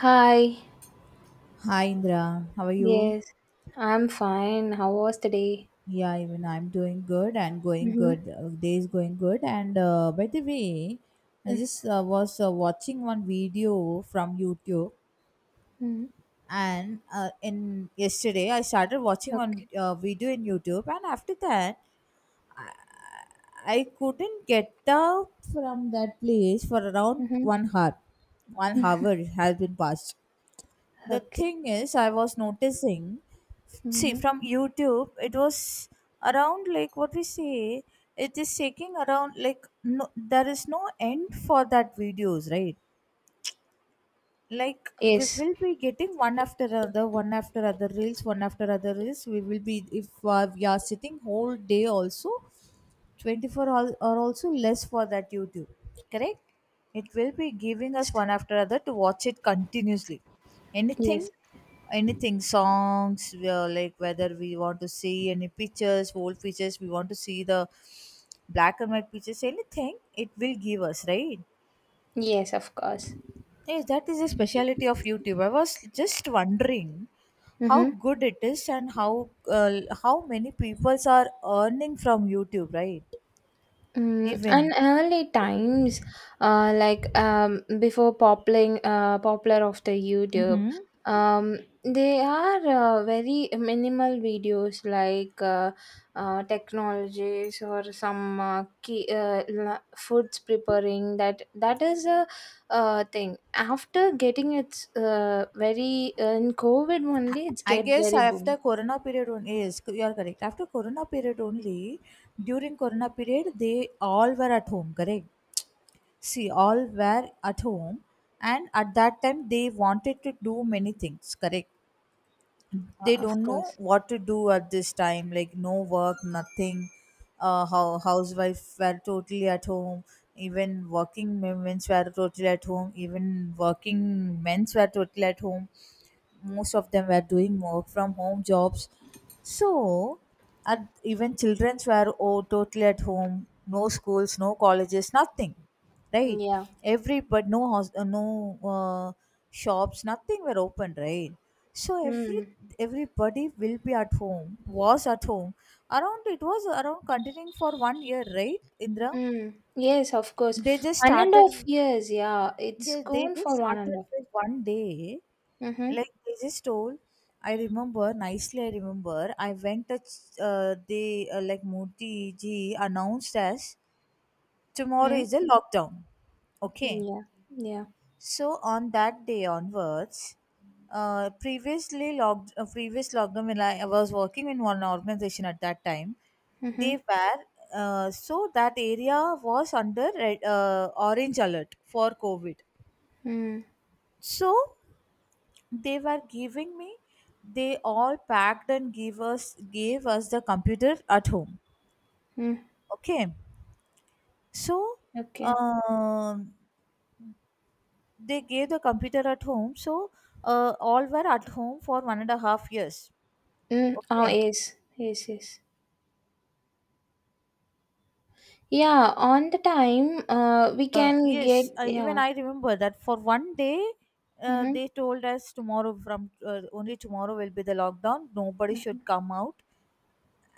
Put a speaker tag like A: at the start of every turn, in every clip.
A: Hi.
B: Hi Indra, how are you?
A: Yes, I'm fine. How was the day?
B: Yeah, even I'm doing good and going
A: Mm-hmm.
B: good. Day is going good. And By the way, I just was watching one video from YouTube,
A: Mm-hmm.
B: and in yesterday I started watching one
A: Okay.
B: video in YouTube, and after that I, I couldn't get out from that place for around
A: Mm-hmm.
B: 1 hour. 1 hour has been passed, the
A: Okay.
B: thing is I was noticing, see
A: Mm-hmm.
B: from youtube it was around, like what we say, it is taking around, like, no there is no end for that videos, right? Like we
A: Yes.
B: will be getting one after other, one after other reels, one after other reels, we will be, if we are sitting whole day also 24 are also less for that YouTube, correct? It will be giving us one after other to watch it continuously.
A: Yes.
B: Anything, anything, songs, we are like, whether we want to see any pictures, old pictures, we want to see the black and white pictures, anything, it will give us, right?
A: Yes, of course.
B: Yes, that is the speciality of YouTube. I was just wondering how
A: Mm-hmm.
B: good it is and how many peoples are earning from YouTube, right?
A: And
B: Even.
A: early times, like before popping, popular of the YouTube,
B: Mm-hmm.
A: um, they are very minimal videos like technologies or some key, foods preparing. That is a thing. After getting its very in COVID only, it's
B: I
A: get
B: guess
A: very boom.
B: after Corona period only, yes, you are correct. After Corona period only, during Corona period, they all were at home, correct? See, all were at home, and at that time, they wanted to do many things, correct? They
A: Of
B: don't know
A: course,
B: what to do at this time, like no work, nothing. How housewife were totally at home, even working women's were totally at home, even working men's were totally at home. Most of them were doing work from home jobs. So at, even children's were totally at home, no schools, no colleges, nothing, right?
A: yeah.
B: Every, but no house, no uh, shops, nothing were open, right? So
A: Hmm.
B: everybody will be at home, was at home. Around, it was around continuing for 1 year, right, Indra?
A: Mm. Yes, of course.
B: They just
A: One and a half
B: started.
A: years, yeah. It's
B: Yes, they
A: gone
B: just
A: for one and a
B: started
A: half.
B: with 1 day.
A: Mm-hmm.
B: Like they just told. I remember nicely. I remember. I went. They like Murthy ji announced as tomorrow
A: Mm.
B: is a lockdown. Okay.
A: Yeah. Yeah.
B: So on that day onwards, previous lockdown, when I was working in one organization at that time,
A: Mm-hmm.
B: they were, so that area was under red, orange alert for COVID.
A: Mm.
B: So they were giving me, they all packed and gave us the computer at home.
A: Mm.
B: Okay, so
A: Okay.
B: um, they gave the computer at home. So all were at home for one and a half years.
A: Mm. Oh,
B: Okay.
A: yes. Yes, yes. Yeah, on the time, we can get,
B: Yes, even
A: yeah.
B: I remember that for 1 day,
A: Mm-hmm.
B: they told us tomorrow, from only tomorrow will be the lockdown. Nobody
A: Mm-hmm.
B: should come out,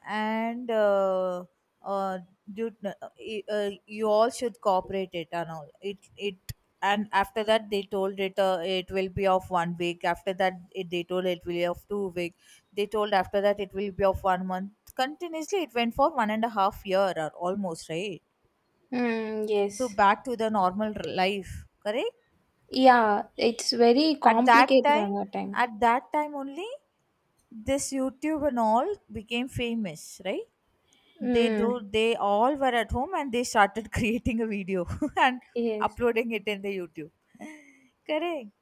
B: and uh, you all should cooperate it and all. It And after that they told it it will be of 1 week. They told it will be of 2 week. They told after that it will be of 1 month. Continuously, it went for one and a half year or almost, right?
A: Mm,
B: To
A: yes.
B: back to the normal life, correct?
A: Yeah, it's very
B: at that
A: complicated on
B: time
A: our time.
B: at that time only, this youtube and all became famous, right? they do
A: Mm.
B: they all were at home and they started creating a video and
A: Yes.
B: uploading it in the youtube, correct?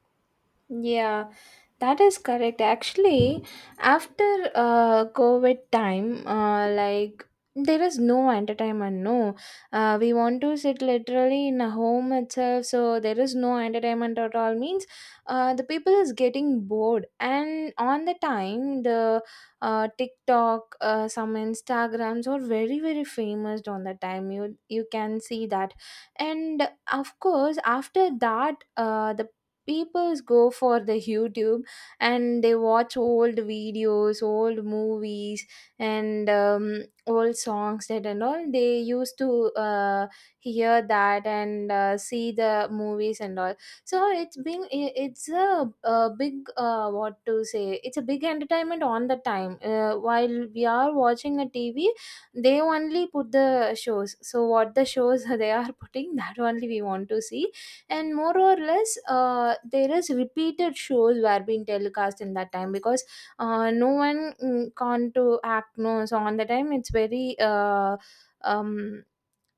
A: Yeah, that is correct. Actually, after COVID time, like there is no entertainment. No, we want to sit literally in a home itself, so there is no entertainment at all. Means, the people is getting bored, and on the time the TikTok, some Instagrams are very very famous. On that time, you can see that, and of course after that, the people go for the YouTube, and they watch old videos, old movies, and old songs that and all they used to uh, hear that and see the movies and all. So it's been it's a big what to say, it's a big entertainment on the time while we are watching a TV. They only put the shows, so what the shows they are putting, that only we want to see, and more or less there is repeated shows were being telecast in that time because no one can't to act, no. So on the time it's very um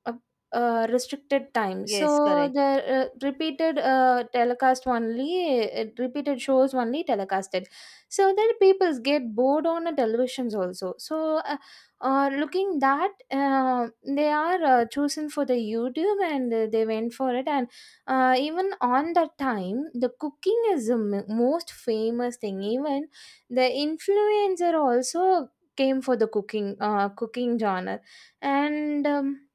A: a, a restricted time,
B: Yes,
A: so
B: correct.
A: the repeated telecast only repeated shows only telecasted. So then people get bored on the televisions also, so looking that, they are chosen for the YouTube, and they went for it. And even on that time the cooking is the most famous thing. Even the influencer also came for the cooking genre, and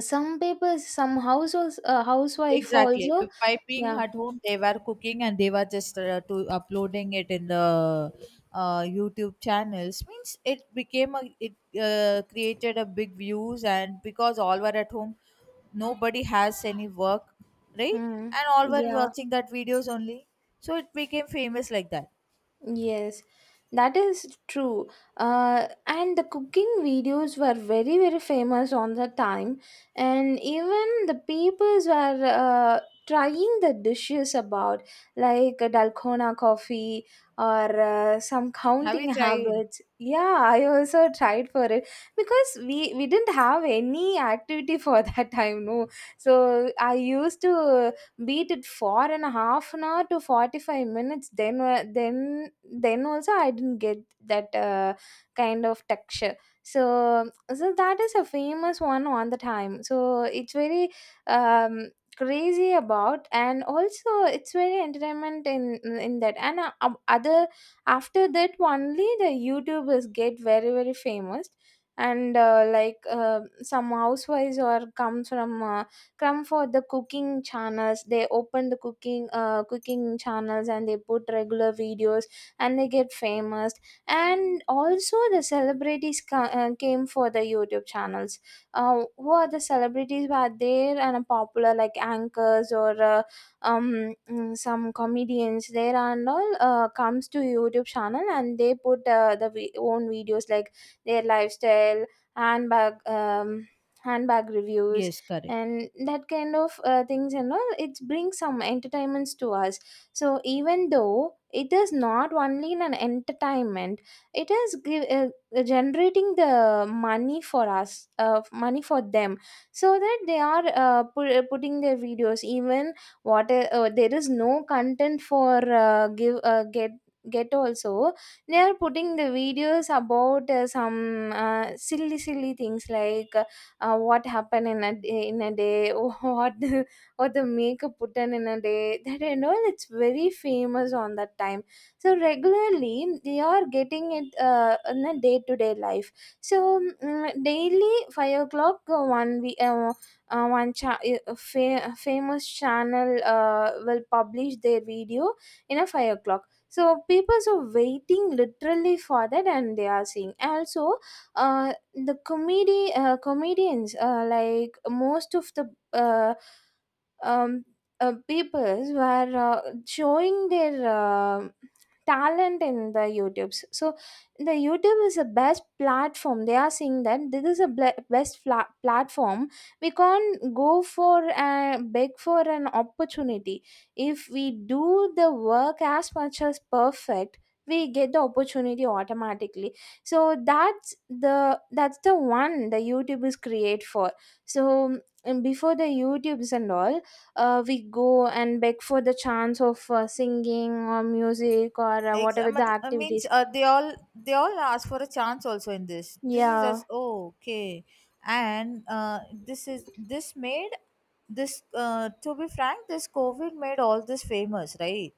A: some people, some households, housewife
B: Exactly.
A: also.
B: By being
A: Yeah.
B: at home, they were cooking and they were just to uploading it in the YouTube channels. Means it became a it created a big views, and because all were at home, nobody has any work, right?
A: Mm,
B: And all were
A: yeah.
B: watching that videos only, so it became famous like that.
A: Yes, that is true. And the cooking videos were very, very famous on the time, and even the peoples were uh, trying the dishes about like a dalgona coffee or some
B: Have you
A: counting
B: tried?
A: habits. Yeah, I also tried for it because we didn't have any activity for that time, no. So I used to beat it for an half an hour to 45 minutes, then then also I didn't get that kind of texture. So that is a famous one on the time, so it's very crazy about, and also it's very entertainment in that, and other. After that only the YouTubers get very very famous, and like some housewives or comes from, come for the cooking channels. They open the cooking channels and they put regular videos, and they get famous. And also the celebrities came for the YouTube channels, who are the celebrities who are there and are popular, like anchors or some comedians there and all comes to YouTube channel, and they put own videos like their lifestyle, handbag um handbag reviews,
B: Yes, correct.
A: and that kind of things, and all it brings some entertainments to us. So even though it is not only in an entertainment, it is generating the money for us, money for them, so that they are putting their videos. Even what there is no content for, give get also they are putting the videos about some silly silly things, like what happened in a day what the makeup put on in a day. That I know, it's very famous on that time. So regularly they are getting it in a day-to-day life. So, daily 5 o'clock, one we one cha- fa- famous channel will publish their video in a 5 o'clock, so people are waiting literally for that, and they are seeing also. uh, the comedy comedians, like most of the um, peoples were showing their talent in the YouTubes. So the YouTube is the best platform, they are saying that this is the best platform. We can't go for a beg for an opportunity. If we do the work as much as perfect, we get the opportunity automatically. So that's the one the YouTube is create for. So and before the YouTubes and all, we go and beg for the chance of singing or music or whatever the
B: I means
A: activities.
B: they all, they all ask for a chance also in this. This is
A: Yeah.
B: just, oh, okay, and this made this to be frank, this COVID made all this famous, right?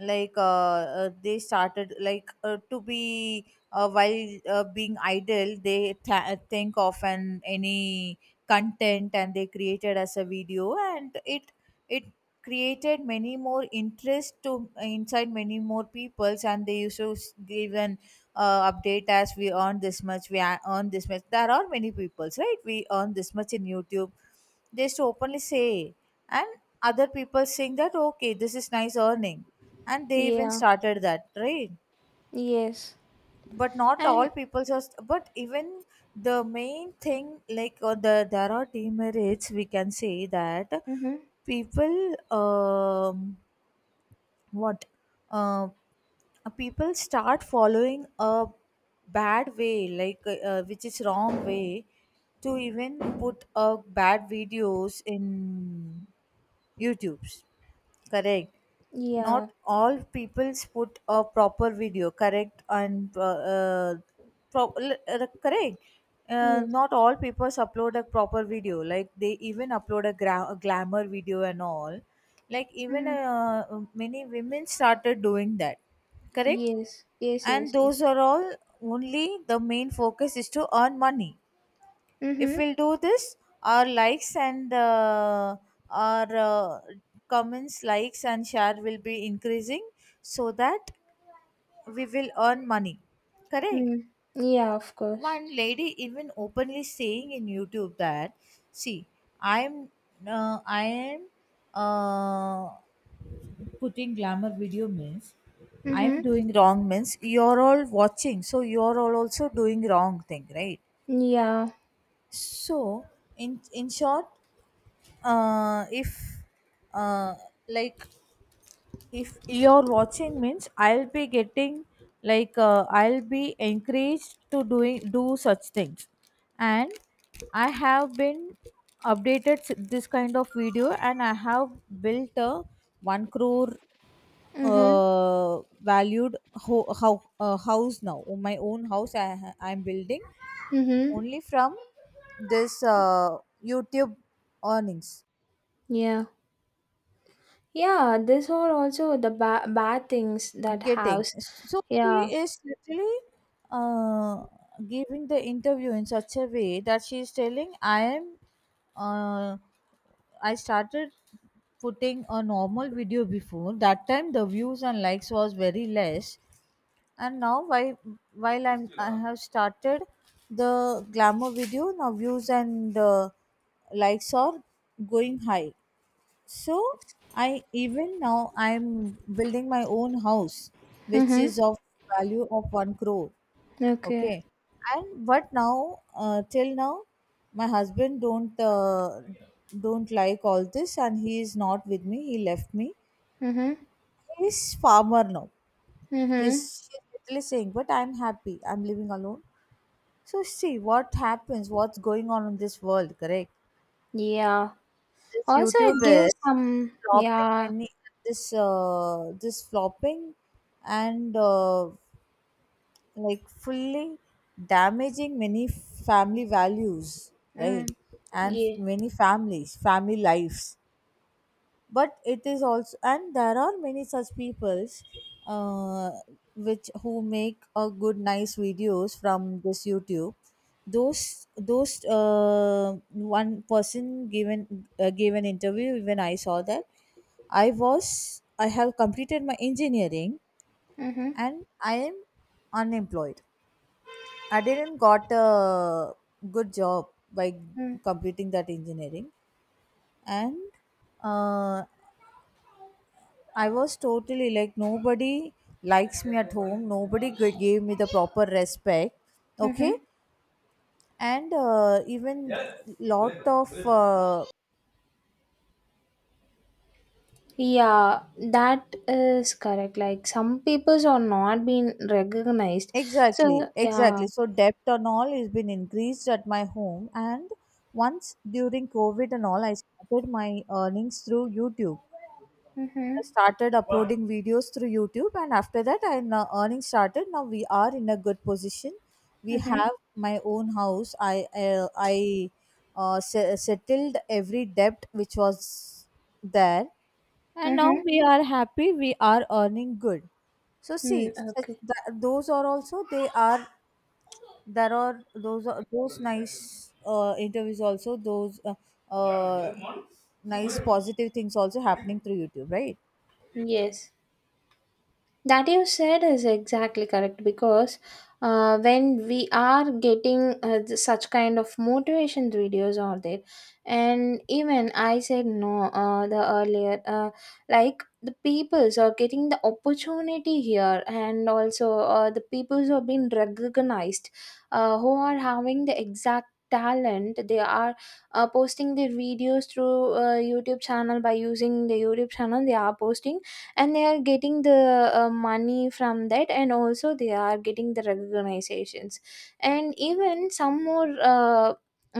B: Like they started, like to be while being idle, they think of an any content and they created as a video, and it created many more interest to inside many more peoples, and they used to give an update as we earn this much, earn this much, there are many peoples, right, we earn this much in youtube, they used to openly say. And other people saying that, okay, this is nice earning, and they even
A: Yeah.
B: started that, right?
A: Yes.
B: But not
A: And
B: all people, just but even the main thing like the, there are demerits, we can say that,
A: mm-hmm.
B: people, um what uh, people start following a bad way, like which is wrong way, to even put bad videos in YouTube's. Correct. Not
A: Yeah.
B: all people's put a proper video. Correct, and uh, correct.
A: Yes.
B: Not all people's upload a proper video. Like they even upload a, a glamour video and all. Like even
A: Mm,
B: many women started doing that. Correct,
A: yes, yes, yes,
B: and
A: yes.
B: those are all, only the main focus is to earn money. If
A: Mm-hmm.
B: we'll do this, our likes and our comments, likes and share will be increasing, so that we will earn money. Correct?
A: Mm. Yeah, of course.
B: One lady even openly saying in YouTube that, see, I'm, I am, uh, putting glamour video means I
A: Mm-hmm.
B: am doing wrong means you're all watching, so you're all also doing wrong thing, right?
A: Yeah.
B: So, in short, if uh, like, if you're watching means I'll be getting like I'll be encouraged to doing do such things, and I have been updated this kind of video, and I have built a one crore
A: Mm-hmm.
B: valued ho- how house now. Oh, my own house, I I'm building
A: Mm-hmm.
B: only from this YouTube earnings.
A: Yeah. Yeah, these are also the bad things, that
B: Getting,
A: house.
B: so she
A: Yeah.
B: is literally uh, giving the interview in such a way that she is telling, I am, uh, I started putting a normal video, before that time the views and likes was very less, and now while I have started the glamour video, now views and likes are going high. So i, even now I'm building my own house which
A: Mm-hmm.
B: is of value of 1 crore.
A: Okay.
B: Okay. And but now, till now my husband don't like all this, and he is not with me, he left me.
A: Mm-hmm.
B: He's farmer now. He's
A: Mm-hmm.
B: she's literally saying, but I'm happy, I'm living alone. So see what happens, what's going on in this world, correct?
A: Yeah.
B: This
A: Also, it
B: YouTube is
A: gives some.
B: flopping
A: Yeah.
B: many, this this flopping, and like fully damaging many family values, right?
A: Mm.
B: And
A: Yeah.
B: many families, family lives, but it is also, and there are many such peoples uh, which, who make a good nice videos from this youtube. Those one person given gave an interview, even I saw that. I was, I have completed my engineering,
A: Mm-hmm.
B: and I am unemployed, I didn't got a good job by
A: Mm.
B: completing that engineering, and uh, I was totally like nobody likes me at home. Nobody gave me the proper respect. Okay,
A: Mm-hmm.
B: and even lot of
A: Yeah, that is correct. Like some peoples are not being recognized. So
B: exactly,
A: yeah.
B: exactly. So debt and all has been increased at my home. And once during COVID and all, I started my earnings through YouTube.
A: Mm-hmm.
B: I started uploading videos through YouTube, and after that, I now earning started. Now we are in a good position. We
A: Mm-hmm.
B: have my own house. I settled every debt which was there, and now
A: Mm-hmm.
B: we are happy. We are earning good. So see,
A: Mm,
B: such
A: okay.
B: that, those are also, they are there, are those nice interviews also, those uh, nice positive things also happening through YouTube, right?
A: Yes. That you said is exactly correct, because when we are getting such kind of motivation videos are there, and even I said, no, the earlier, like the peoples are getting the opportunity here, and also the peoples are being recognized, who are having the exact talent. They are posting their videos through YouTube channel. By using the YouTube channel they are posting, and they are getting the money from that, and also they are getting the recognizations. And even some more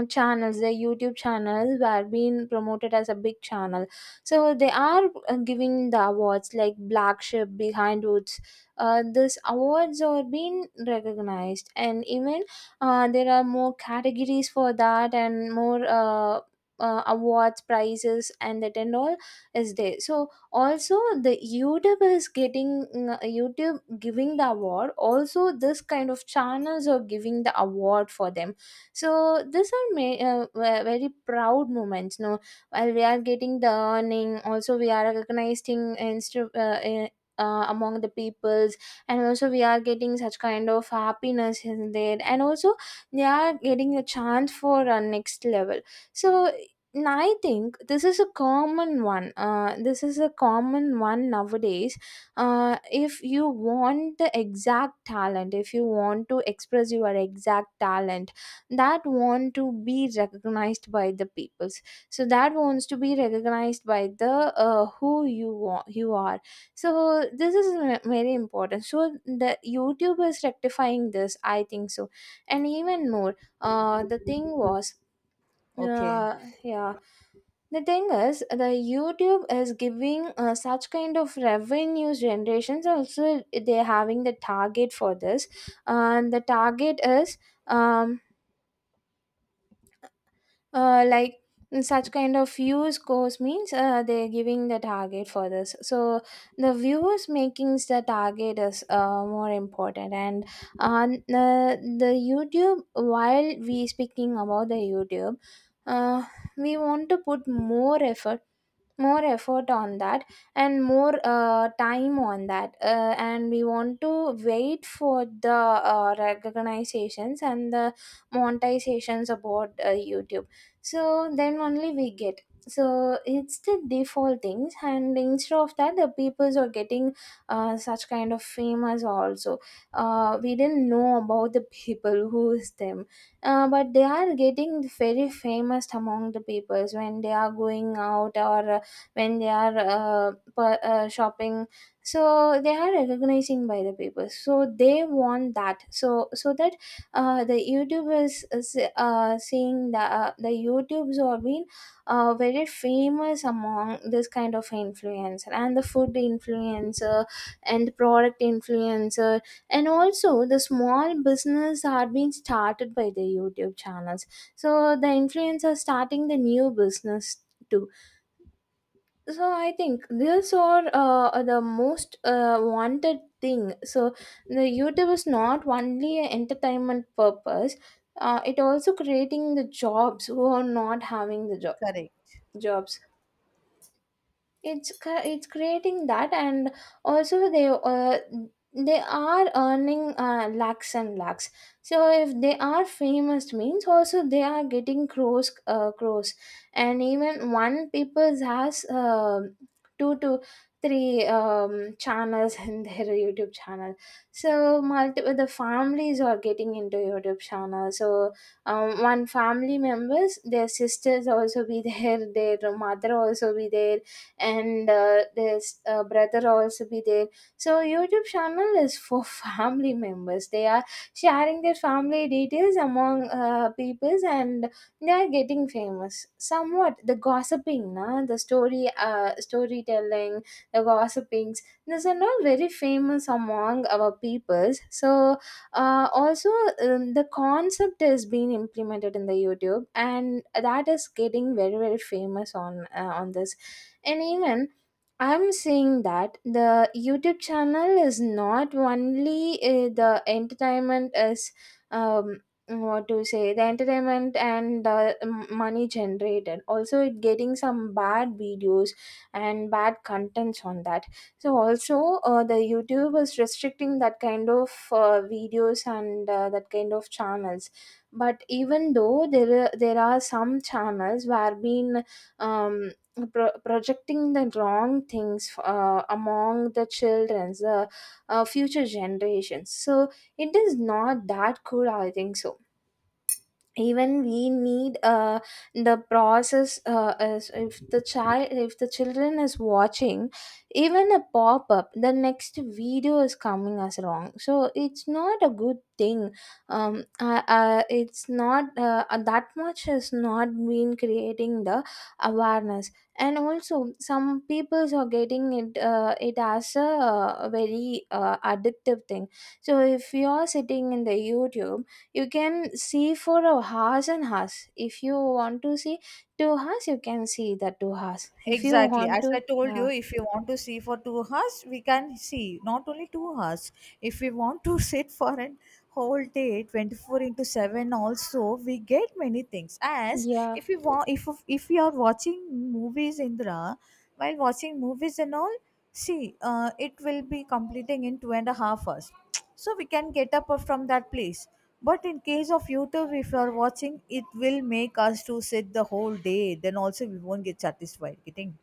A: channels, the YouTube channels were being promoted as a big channel, so they are giving the awards, like Black Sheep Behind Woods. These awards are being recognized, and even there are more categories for that, and more awards, prizes and that and all is there. So also the YouTube is YouTube giving the award. Also this kind of channels are giving the award for them. So these are very proud moments, no. While we are getting the earning, also we are recognizing among the peoples, and also we are getting such kind of happiness in there, and also they are getting a chance for our next level. So, and I think this is a common one. This is a common one nowadays. If you want the exact talent, if you want to express your exact talent, that want to be recognized by the peoples. So that wants to be recognized by the who you you are. So this is very important. So the YouTube is rectifying this, I think so, and even more. The thing was,
B: Okay.
A: yeah, the thing is, the YouTube is giving such kind of revenue generations. Also they're having the target for this, and the target is um like such kind of views goes means, they're giving the target for this. So the views makings, the target is more important. And on the YouTube, while we speaking about the YouTube, uh, we want to put more effort on that, and more time on that, and we want to wait for the recognizations and the monetizations about YouTube. So then only we get. So it's the default things, and instead of that the peoples are getting such kind of famous also. We didn't know about the people who is them, but they are getting very famous among the peoples when they are going out, or when they are shopping. So they are recognizing by the people, so they want that. So that the YouTubers is, seeing the the YouTubes are being very famous among this kind of influencer, and the food influencer and product influencer. And also the small business are being started by the YouTube channels. So the influencers starting the new business too. So I think these are the most wanted thing. So the YouTube is not only an entertainment purpose, it also creating the jobs who are not having the job
B: Correct.
A: jobs It's it's creating that. And also they they are earning lakhs and lakhs. So if they are famous means, also they are getting crores. And even one people has two to three channels in their YouTube channel. So multiple the families are getting into YouTube channel, so One family members, their sisters also be there, their mother also be there, and there's brother also be there. So YouTube channel is for family members. They are sharing their family details among peoples, and they are getting famous somewhat. The gossiping, na? The story, storytelling, the gossipings. These are not very famous among our peoples. So also, the concept is being implemented in the YouTube, and that is getting very very famous on this. And even I'm seeing that the YouTube channel is not only the entertainment is, um what to say, the entertainment and the money generated. Also it getting some bad videos and bad contents on that. So also, the YouTube is restricting that kind of videos and that kind of channels. But even though there are some channels where been, um, projecting the wrong things among the children's, future generations. So it is not that cool, I think so. Even we need the process, as if the child, if the children is watching even a pop-up, the next video is coming as wrong, so it's not a good thing. It's not that much, has not been creating the awareness. And also some peoples are getting it, it as a very addictive thing. So if you're sitting in the YouTube, you can see for a hours and hours, if you want to see 2 hours, you can see the 2 hours, if you
B: Exactly.
A: want
B: As
A: to.
B: I told
A: uh,
B: you, if you want to see for 2 hours, we can see not only 2 hours. If we want to sit for an whole day, 24 into seven, also we get many things. As
A: yeah.
B: if we want, if we are watching movies, Indra, while watching movies and all. See, it will be completing in two and a half hours. So we can get up from that place. But in case of YouTube, if you are watching, it will make us to sit the whole day. Then also we won't get satisfied. Getting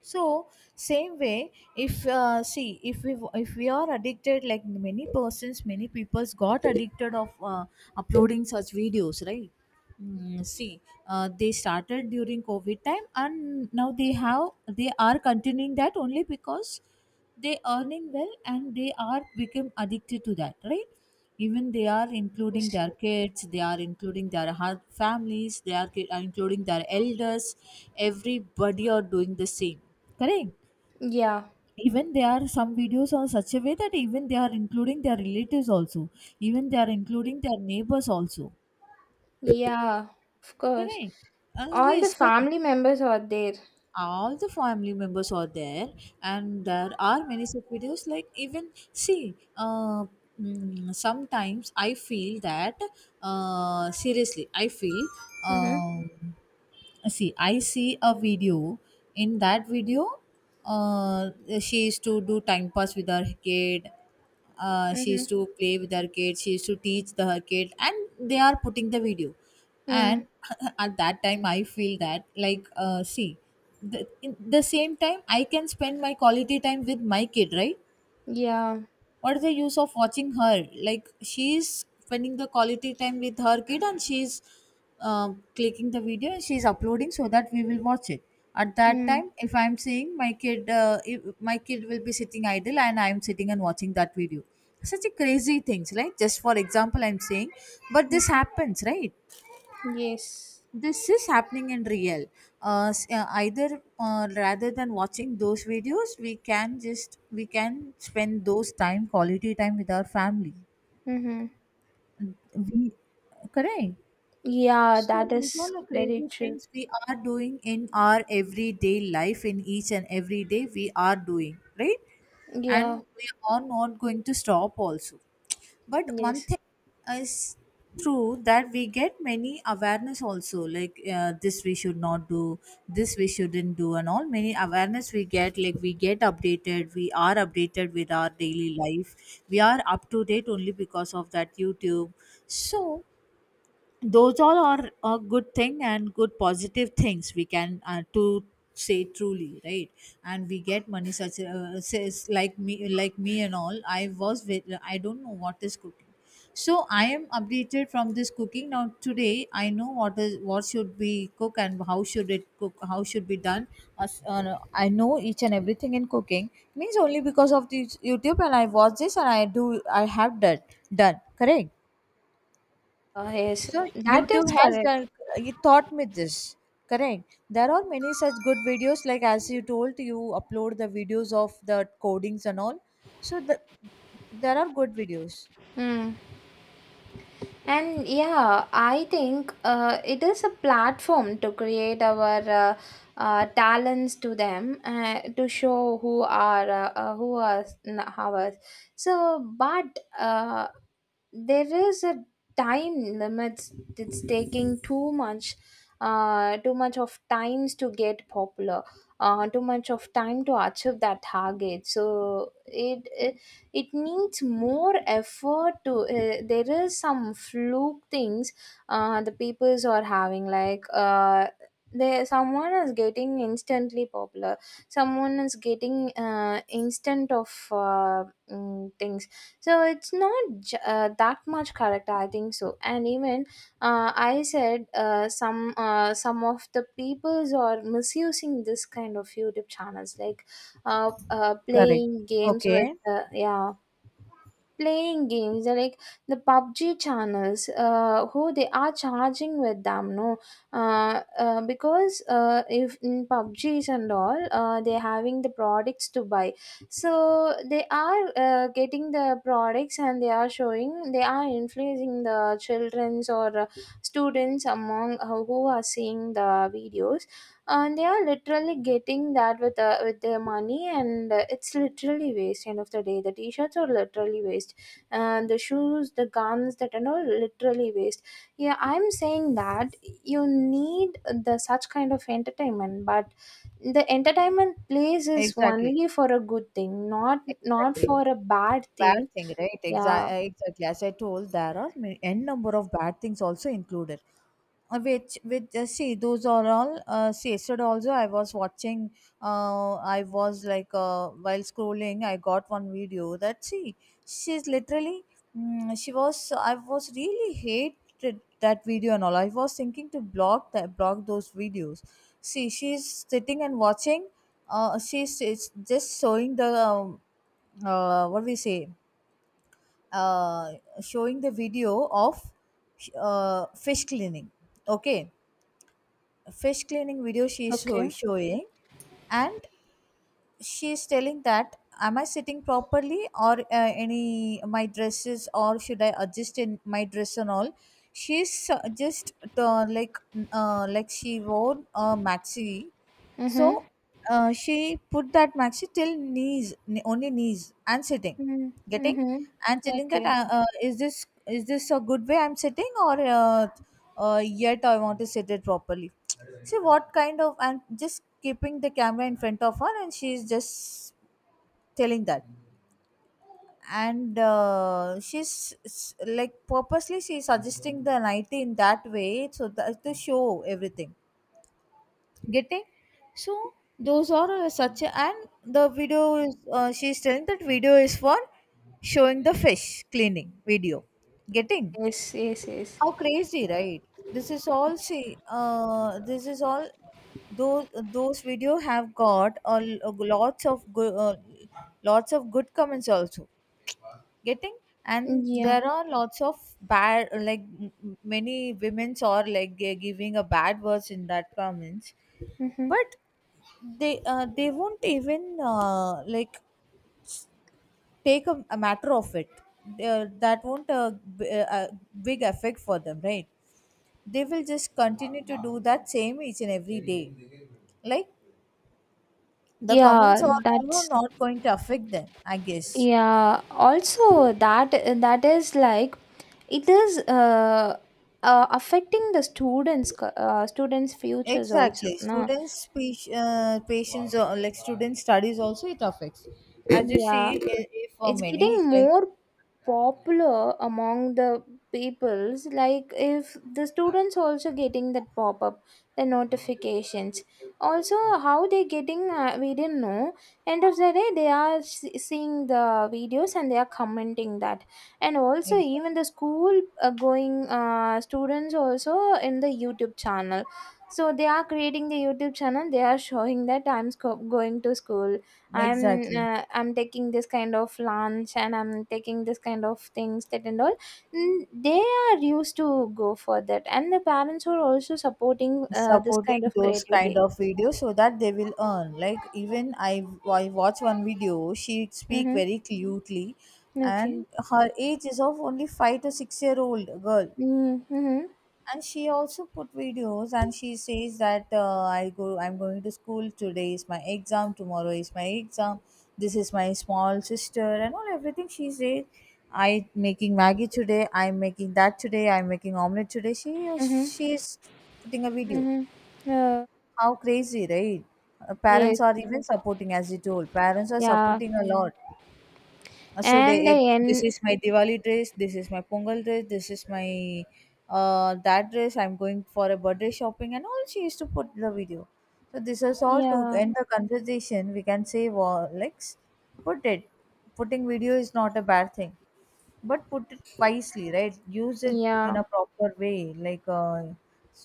B: so same way. If see, if we are addicted, like many persons, many people's got addicted of uploading such videos, right? See, they started during covid time and now they are continuing that only because they earning well and they are become addicted to that, right? Even they are
A: Yes.
B: including their kids, they are including their families, they are including their elders. Everybody are doing the same, correct?
A: Yeah,
B: Even there are some videos on such a way that even they are including their relatives also, even they are including their neighbors also.
A: yeah, of course.
B: Correct.
A: All the
B: Yes, correct.
A: family members are there.
B: All the family members are there. And there are many such videos, like even see, sometimes I feel that, seriously I feel,
A: Mm-hmm.
B: um, see, I see a video. In that video, uh, she used to do time pass with her kid. She
A: Mm-hmm.
B: used to play with her kid, she used to teach the her kid, and they are putting the video. And
A: Mm.
B: at that time I feel that, like, see, in the same time I can spend my quality time with my kid, right?
A: Yeah.
B: What is the use of watching her? Like, she is spending the quality time with her kid, and she's clicking the video and she's uploading so that we will watch it. At that
A: Mm.
B: time, if I'm saying my kid, if my kid will be sitting idle and I'm sitting and watching that video, such a crazy things, right? Just for example, I'm saying, but this
A: Mhm.
B: happens, right?
A: Yes.
B: This is happening in real. Either, rather than watching those videos, we can spend those time quality time with our family.
A: Mm-hmm.
B: We, correct.
A: Yeah,
B: So
A: that
B: those
A: is
B: all the
A: very
B: crazy
A: true.
B: things we are doing in our everyday life, in each and every day we are doing, right?
A: Yeah.
B: And we are not going to stop also. But one
A: Yes,
B: thing is true, that we get many awareness also, like, this we should not do, this we shouldn't do, and all many awareness we get. Like, we get updated, we are updated with our daily life. We are up to date only because of that YouTube. So those all are a good thing, and good positive things we can, to say truly, right? And we get money such, says like me, and all. I was with, I don't know what is cooking. So I am updated from this cooking. Now today I know what is what should be cook and how should it cook, how should be done. I know each and everything in cooking, means only because of the YouTube. And I watch this and I do, I have that done, correct.
A: yes,
B: So
A: that is
B: YouTube has
A: correct.
B: done, it taught me this. Correct. There are many such good videos, like as you told, you upload the videos of the codings and all. So there are good videos.
A: Mm. And yeah, I think it is a platform to create our talents to them, to show who are ours. So, but there is a time limits. It's taking too much of times to get popular, too much of time to achieve that target. So it needs more effort to. There is some fluke things the peoples are having, like, there someone is getting instantly popular, someone is getting instant of, mm, things. So it's not that much correct, I think so. And even, I said some, some of the peoples are misusing this kind of YouTube channels, like
B: Correct.
A: playing games with,
B: Okay.
A: yeah, playing games. They're like the PUBG channels, who they are charging with them, no? Because if in PUBGs and all, they're having the products to buy. So they are getting the products, and they are showing, they are influencing the children's or students, among who are seeing the videos. And they are literally getting that with their money, and it's literally waste. End of the day, the t-shirts are literally waste, and the shoes, the guns that and all, literally waste. Yeah, I'm saying that you need the such kind of entertainment, but the entertainment place is
B: Exactly.
A: only for a good thing, not not
B: Exactly.
A: for a bad
B: Bad
A: thing.
B: thing, right?
A: Yeah.
B: Exactly. Exactly. As I told, there are n number of bad things also included. Which, see, those are all, see, yesterday also I was watching. I was like, while scrolling I got one video that, see, she's literally, mm, she was I was really hated that video, and all I was thinking to block that, block those videos. See, she's sitting and watching, she's it's just showing the, what we say, uh, showing the video of, fish cleaning. Okay, fish cleaning video she's
A: Okay.
B: showing. And she's telling that, am I sitting properly, or any my dresses, or should I adjust in my dress and all. She's, just uh, like like she wore a maxi. So,
A: Mm-hmm.
B: she put that maxi till knees, only knees, and sitting, getting,
A: Mm-hmm.
B: and telling that,
A: Okay.
B: is this a good way I'm sitting, or yet I want to sit it properly. See what kind of, and just keeping the camera in front of her, and she's just telling that. And like purposely she's suggesting the nighty in that way, so that to show everything. Getting. So those are, such, and the video is, she's telling that video is for showing the fish cleaning video. Getting.
A: Yes, yes, yes.
B: How crazy, right? This is all those those video have got a, lots of good, lots of good comments also. Getting. And
A: Yeah.
B: there are lots of bad, like many women's are like giving a bad words in that comments.
A: Mm-hmm.
B: But they, they won't even, like, take a matter of it. They- that won't a big effect for them, right? They will just continue to do that same each and every day. Like, the comments
A: Yeah,
B: are also
A: that's,
B: not going to affect them, I guess.
A: yeah. Also that, that is like it is affecting the students' students' futures also,
B: Exactly,
A: no?
B: students speech, patients, or like student studies also it affects. As you see,
A: Yeah.
B: if for
A: It's
B: many,
A: getting
B: like,
A: more popular among the peoples. Like, if the students also getting that pop-up, the notifications also, how they getting, we didn't know. End of the day, they are seeing the videos and they are commenting that. And also
B: exactly,
A: even the school going students also in the YouTube channel. So they are creating the YouTube channel, they are showing that I'm going to school, I'm
B: exactly,
A: I'm taking this kind of lunch, and I'm taking this kind of things that and all. Mm, they are used to go for that, and the parents are also supporting this
B: supporting
A: kind of
B: those kind
A: creativity.
B: of videos so that they will earn. Like, even I watch one video, she speak
A: Mm-hmm.
B: very cutely,
A: Okay.
B: and her age is of only 5 to 6 year old girl.
A: Mm-hmm.
B: And she also put videos, and she says that, I'm going to school, today is my exam, tomorrow is my exam, this is my small sister, and all everything she says. I making maggie today, I'm making that today, I'm making omelette today.
A: Mm-hmm.
B: She is putting a video.
A: Mm-hmm.
B: How crazy, right?
A: Yes.
B: Parents are even supporting, as you told. Parents are
A: Yeah.
B: supporting a lot. So they,
A: And
B: it,
A: the
B: this
A: end.
B: is my Diwali dress. This is my Pongal dress. This is my, that dress. I'm going for a birthday shopping, and all she used to put the video. So this is all to
A: Yeah.
B: end the conversation. We can say, well, Lex, put it. Putting video is not a bad thing, but put it wisely, right? Use it in
A: Yeah.
B: a proper way, like,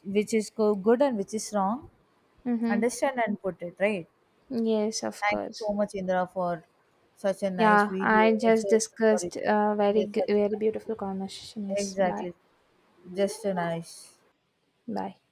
B: which is good and which is wrong.
A: Mm-hmm.
B: Understand and put it, right?
A: Yes, of
B: Thank you
A: course.
B: so much, Indra, for such a nice
A: Yeah,
B: video.
A: I
B: It's
A: just
B: a- sorry,
A: discussed a very
B: it's such
A: very
B: a,
A: beautiful conversation. Yes, bye.
B: exactly, just a nice.
A: Bye.